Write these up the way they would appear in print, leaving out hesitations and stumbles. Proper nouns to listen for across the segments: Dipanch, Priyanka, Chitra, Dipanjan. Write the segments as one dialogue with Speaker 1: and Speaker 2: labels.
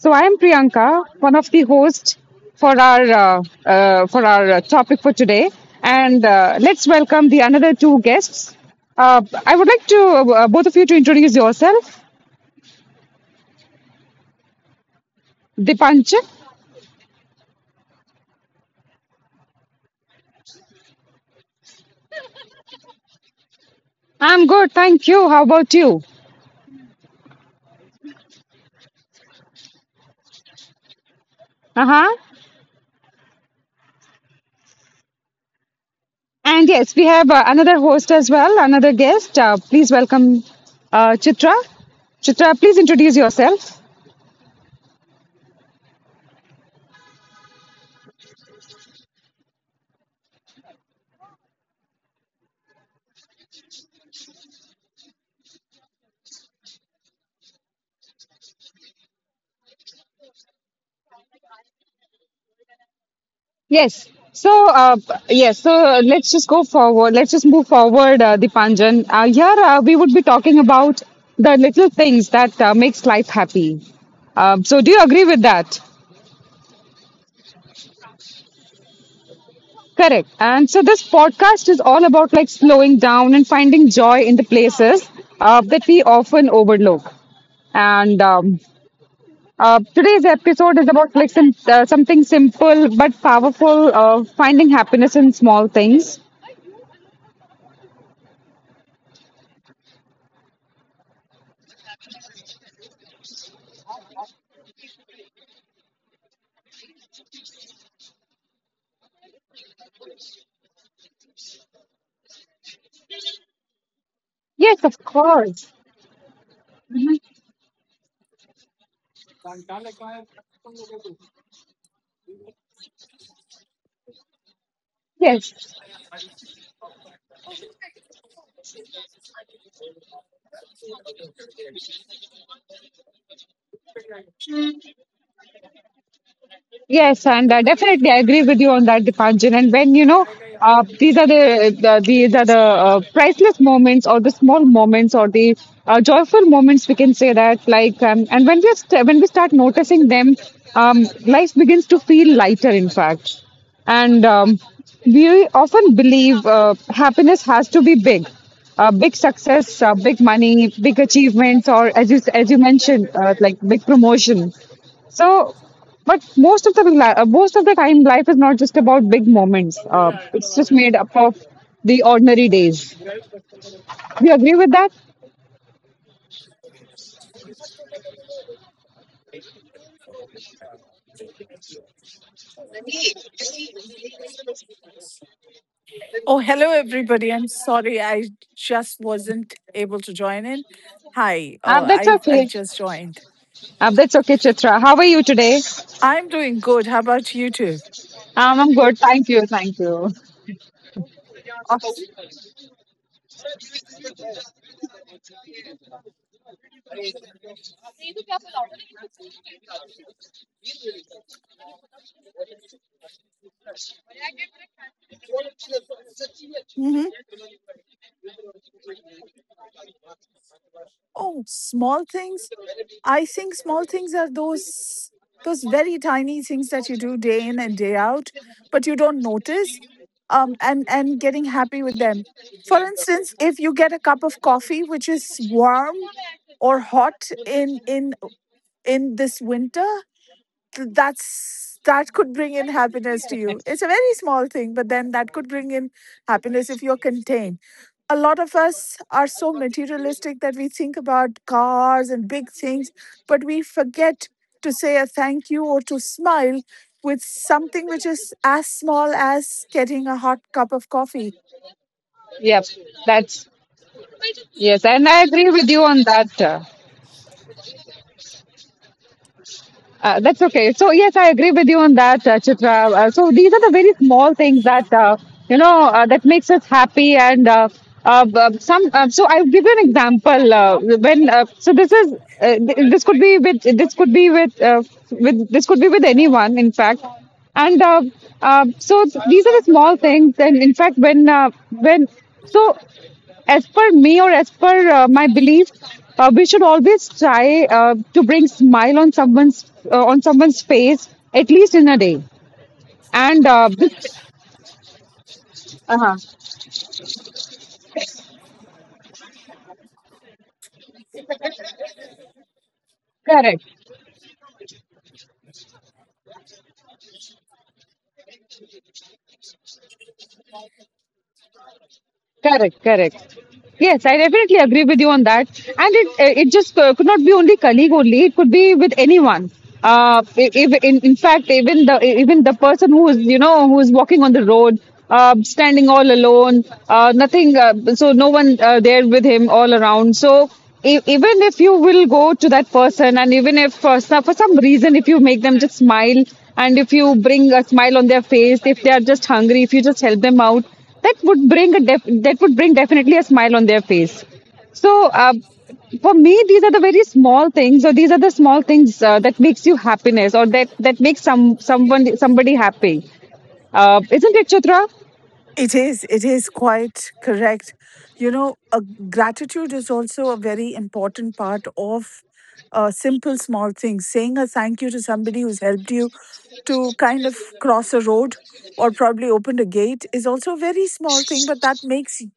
Speaker 1: So, I am Priyanka, one of the hosts for our uh, for our topic for today, and let's welcome the another two guests. Uh, I would like to both of you to introduce yourself. Dipanch, I'm good, thank you. How about you? Uh huh. And yes, we have another host as well, another guest. Please welcome Chitra. Chitra, please introduce yourself. Yes. So, yes. So let's just go forward. Let's just move forward, Dipanjan. Here we would be talking about the little things that makes life happy. So, do you agree with that? Correct. And so, this podcast is all about like slowing down and finding joy in the places that we often overlook. And today's episode is about like something simple but powerful, finding happiness in small things. Yes, of course. Yes, yes, and definitely I agree with you on that, Dipanjan. And when these are the priceless moments, or the small moments, or the joyful moments, we can say that, like, and when we start noticing them, life begins to feel lighter. In fact, and we often believe happiness has to be big success, big money, big achievements, or as you mentioned, like big promotion. So, but most of the time, life is not just about big moments. It's just made up of the ordinary days. Do you agree with that?
Speaker 2: Oh, hello, everybody. I'm sorry, I just wasn't able to join in. Hi, oh,
Speaker 1: That's
Speaker 2: I've
Speaker 1: okay.
Speaker 2: just joined.
Speaker 1: That's okay, Chitra. How are you today?
Speaker 2: I'm doing good. How about you two?
Speaker 1: I'm good. Thank you. Thank you.
Speaker 2: Oh, mhm. Oh, small things. I think small things are those very tiny things that you do day in and day out, but you don't notice. And getting happy with them. For instance, if you get a cup of coffee which is warm or hot in this winter, that's that could bring in happiness to you. It's a very small thing, but then that could bring in happiness if you're contained. A lot of us are so materialistic that we think about cars and big things, but we forget to say a thank you or to smile with something which is as small as getting a hot cup of coffee.
Speaker 1: Yep, that's yes, and I agree with you on that. That's okay. So yes, I agree with you on that, Chitra. So these are the very small things that that makes us happy, and some. So I'll give you an example. When so uh, th- this could be with this could be with uh, this could be with anyone, in fact. And so these are the small things, and in fact, when so as per me, or as per my belief, we should always try to bring smile on someone's face at least in a day, and this, uh-huh. correct Correct, correct. Yes, I definitely agree with you on that. And it just could not be only colleague only. It could be with anyone. I- if, in fact, even the person who is walking on the road, standing all alone, nothing. So no one there with him all around. So even if you will go to that person, and even if for some reason, if you make them just smile, and if you bring a smile on their face, if they are just hungry, if you just help them out, that would bring a def- that would bring definitely a smile on their face. So for me, these are the very small things, or these are the small things that makes you happiness, or that makes somebody happy, isn't it, Chitra?
Speaker 2: It is. It is quite correct. You know, gratitude is also a very important part of simple small things. Saying a thank you to somebody who's helped you to kind of cross a road or probably opened a gate is also a very small thing, but that makes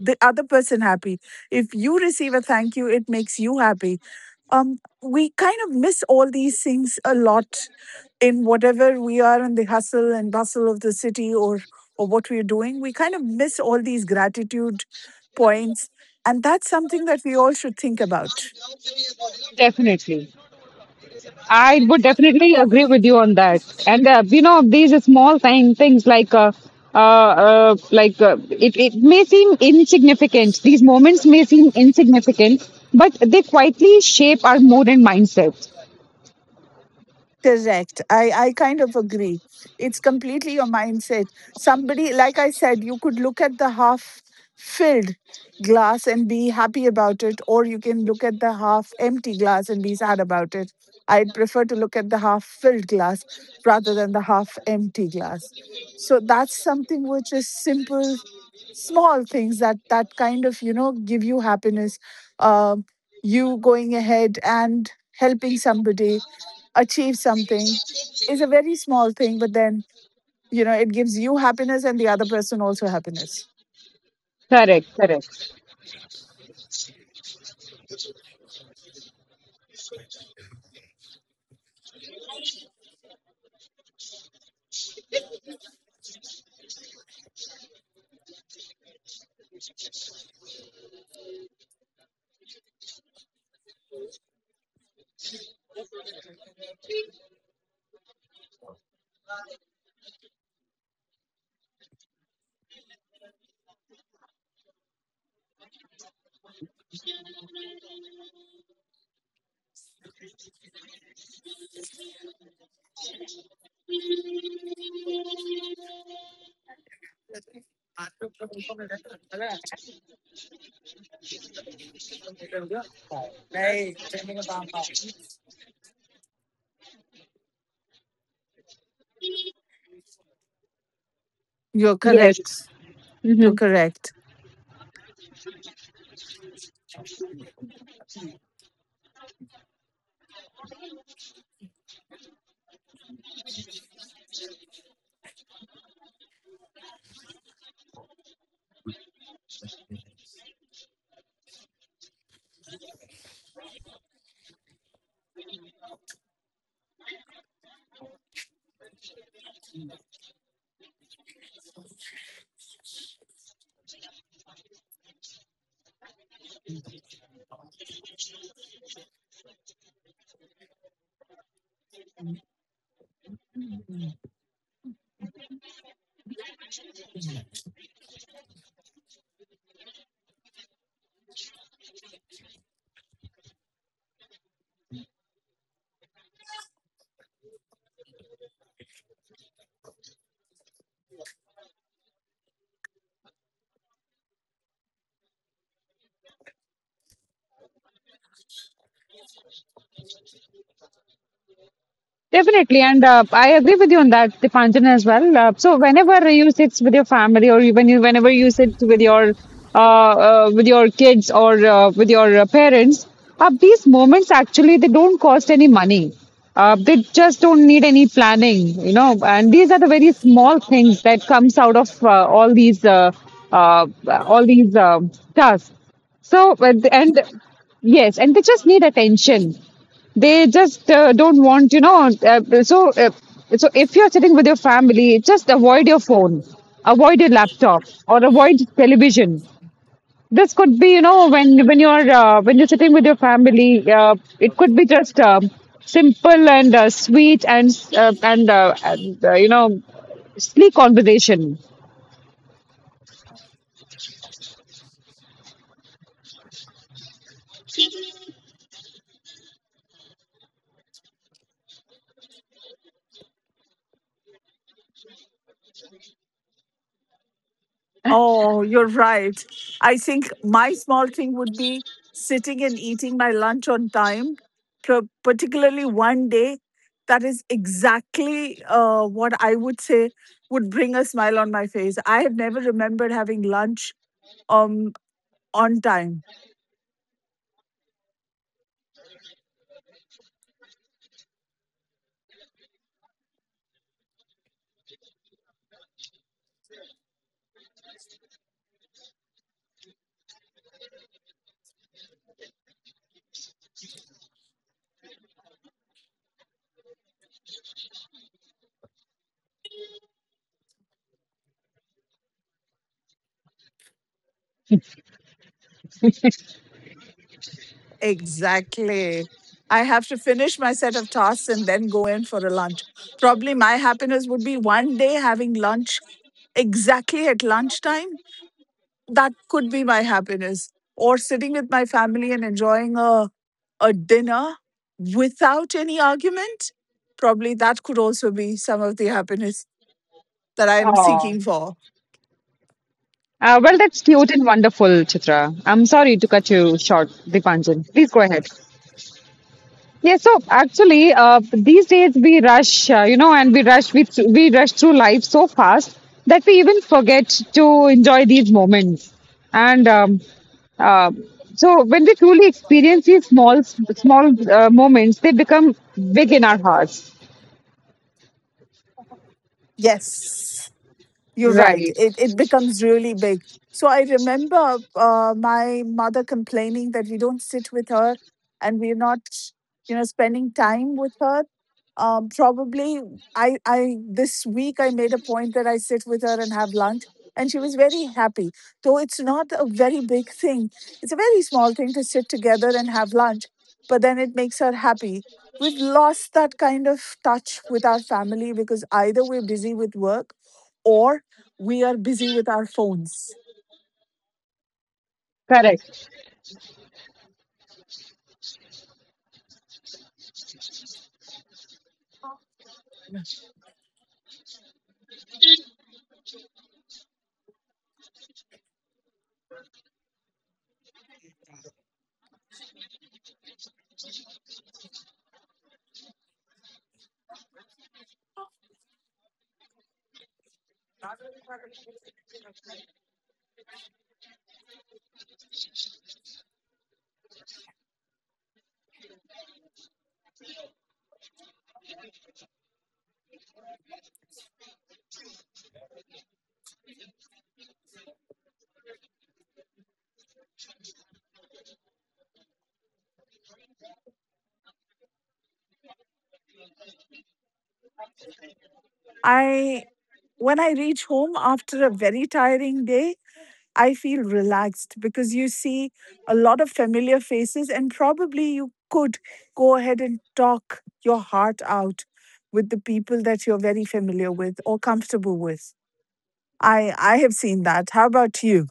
Speaker 2: the other person happy. If you receive a thank you, it makes you happy. We kind of miss all these things a lot in whatever we are, in the hustle and bustle of the city, or what we're doing. We kind of miss all these gratitude points, and that's something that we all should think about.
Speaker 1: Definitely, I would definitely agree with you on that. And these small things, like, it may seem insignificant. These moments may seem insignificant, but they quietly shape our mood and mindset.
Speaker 2: Correct. I kind of agree. It's completely your mindset. Somebody, like I said, you could look at the half filled glass and be happy about it, or you can look at the half empty glass and be sad about it. I'd prefer to look at the half filled glass rather than the half empty glass. So that's something which is simple, small things that kind of, you know, give you happiness. Um, you going ahead and helping somebody achieve something is a very small thing, but then, you know, it gives you happiness and the other person also happiness.
Speaker 1: Correct, correct.
Speaker 2: You're correct.
Speaker 1: Yes.
Speaker 2: You're
Speaker 1: hmm
Speaker 2: correct.
Speaker 1: Definitely, and I agree with you on that, Dipanjan, as well. So whenever you sit with your family, whenever you sit with your kids, or with your parents, these moments actually they don't cost any money. They just don't need any planning. And these are the very small things that comes out of all these tasks. So and yes, and they just need attention, they just don't want, so if you're sitting with your family, just avoid your phone, avoid your laptop, or avoid television. This could be, when you're sitting with your family, it could be just simple and sweet and uh, and, uh, and uh, you know sleek conversation.
Speaker 2: Oh, you're right. I think my small thing would be sitting and eating my lunch on time, particularly one day. That is exactly what I would say would bring a smile on my face. I have never remembered having lunch um, on time. Exactly. I have to finish my set of tasks and then go in for a lunch. Probably my happiness would be one day having lunch exactly at lunchtime. That could be my happiness. Or sitting with my family and enjoying a dinner without any argument. Probably that could also be some of the happiness that I'm
Speaker 1: oh
Speaker 2: seeking for.
Speaker 1: uh, well that's cute and wonderful, Chitra. I'm sorry to cut you short, Dipanjan. Please go ahead. Yes, so actually, these days we rush, you know, and we rush, we, th- we rush through life so fast that we even forget to enjoy these moments. And uh, so, when we truly experience these small, small moments, they become big in our hearts.
Speaker 2: Yes. You're right.
Speaker 1: Right.
Speaker 2: It becomes really big. So I remember my mother complaining that we don't sit with her, and we're not, you know, spending time with her. Probably, I this week I made a point that I sit with her and have lunch, and she was very happy. Though it's not a very big thing, it's a very small thing to sit together and have lunch, but then it makes her happy. We've lost that kind of touch with our family because either we're busy with work or we are busy with our phones.
Speaker 1: Correct.
Speaker 2: I, when I reach home after a very tiring day, I feel relaxed because you see a lot of familiar faces and probably you could go ahead and talk your heart out with the people that you're very familiar with or comfortable with. I have seen that. How about you?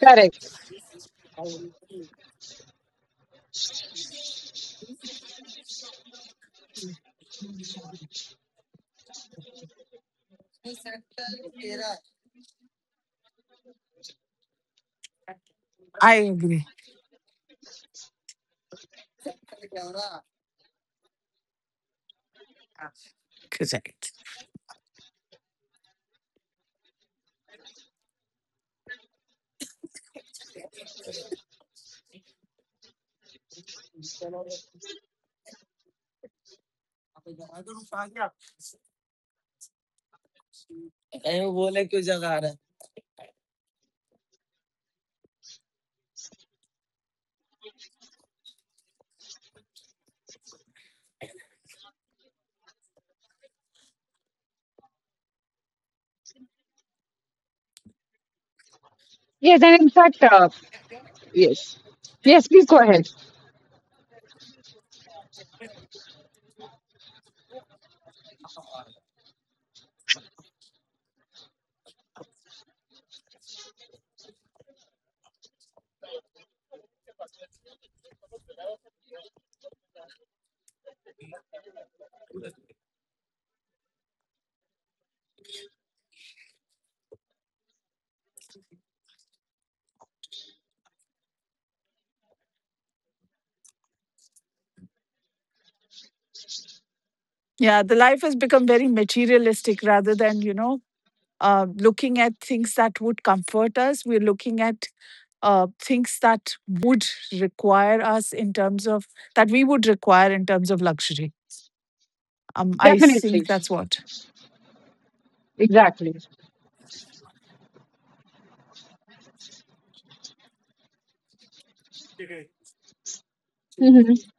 Speaker 1: Correct.
Speaker 2: I agree. Correct.
Speaker 1: Yes, and in fact, yes, yes. Please go ahead.
Speaker 2: Yeah, the life has become very materialistic rather than, you know, looking at things that would comfort us. We're looking at things that would require us in terms of that we would require in terms of luxury. I think
Speaker 1: Definitely.
Speaker 2: that's what.
Speaker 1: Exactly. Mm-hmm.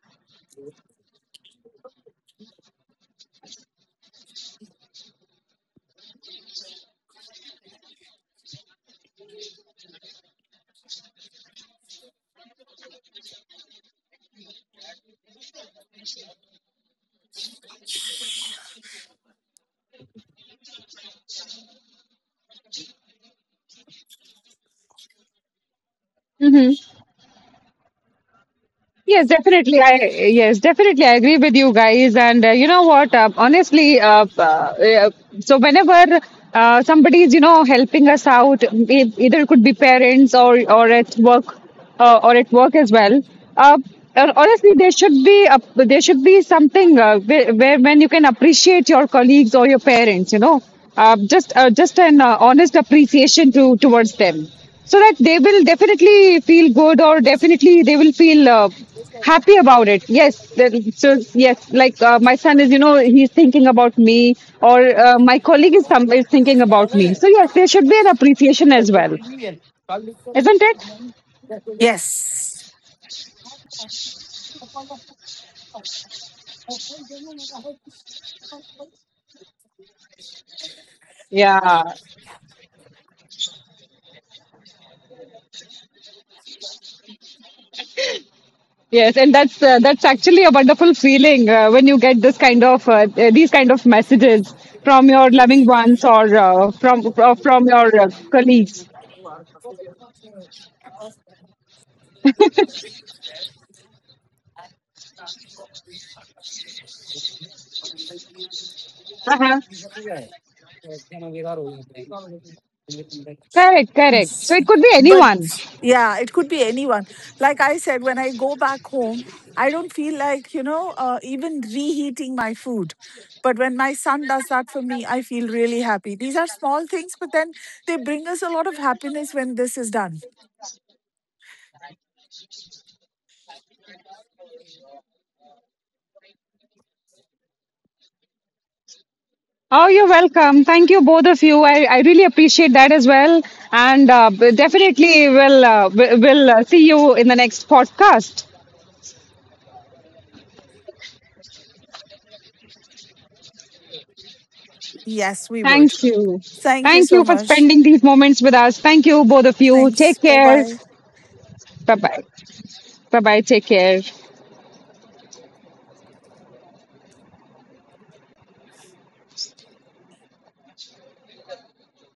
Speaker 1: Mm-hmm. Yes, definitely. I agree with you guys. And you know what? Honestly, so whenever somebody is helping us out, either it could be parents or at work as well. Uh, honestly, there should be something, where when you can appreciate your colleagues or your parents. Just an honest appreciation to towards them, so that they will definitely feel good, or definitely they will feel happy about it. Yes, so yes, like my son is you know he's thinking about me, or my colleague is thinking about me, so yes, there should be an appreciation as well, isn't it?
Speaker 2: Yes.
Speaker 1: Yeah. Yes, and that's that's actually a wonderful feeling when you get this kind of, these kind of messages from your loving ones, or from your colleagues. Uh-huh. Correct, correct. So
Speaker 2: Yes.
Speaker 1: it could be
Speaker 2: But
Speaker 1: anyone.
Speaker 2: yeah, it could be anyone. Like I said, when I go back home, I don't feel like, you know, even reheating my food. But when my son does that for me, I feel really happy. These are small things, but then they bring us a lot of happiness when this is done.
Speaker 1: Oh, you're welcome. Thank you, both of you. I really appreciate that as well. And definitely we'll see you in the next podcast.
Speaker 2: Yes, we would.
Speaker 1: Thank you.
Speaker 2: Thank you
Speaker 1: Thank
Speaker 2: so
Speaker 1: you for
Speaker 2: much.
Speaker 1: spending these moments with us. Thank you, both of you.
Speaker 2: Thanks.
Speaker 1: Take
Speaker 2: Bye
Speaker 1: care.
Speaker 2: bye.
Speaker 1: Bye bye. Bye bye. Take care.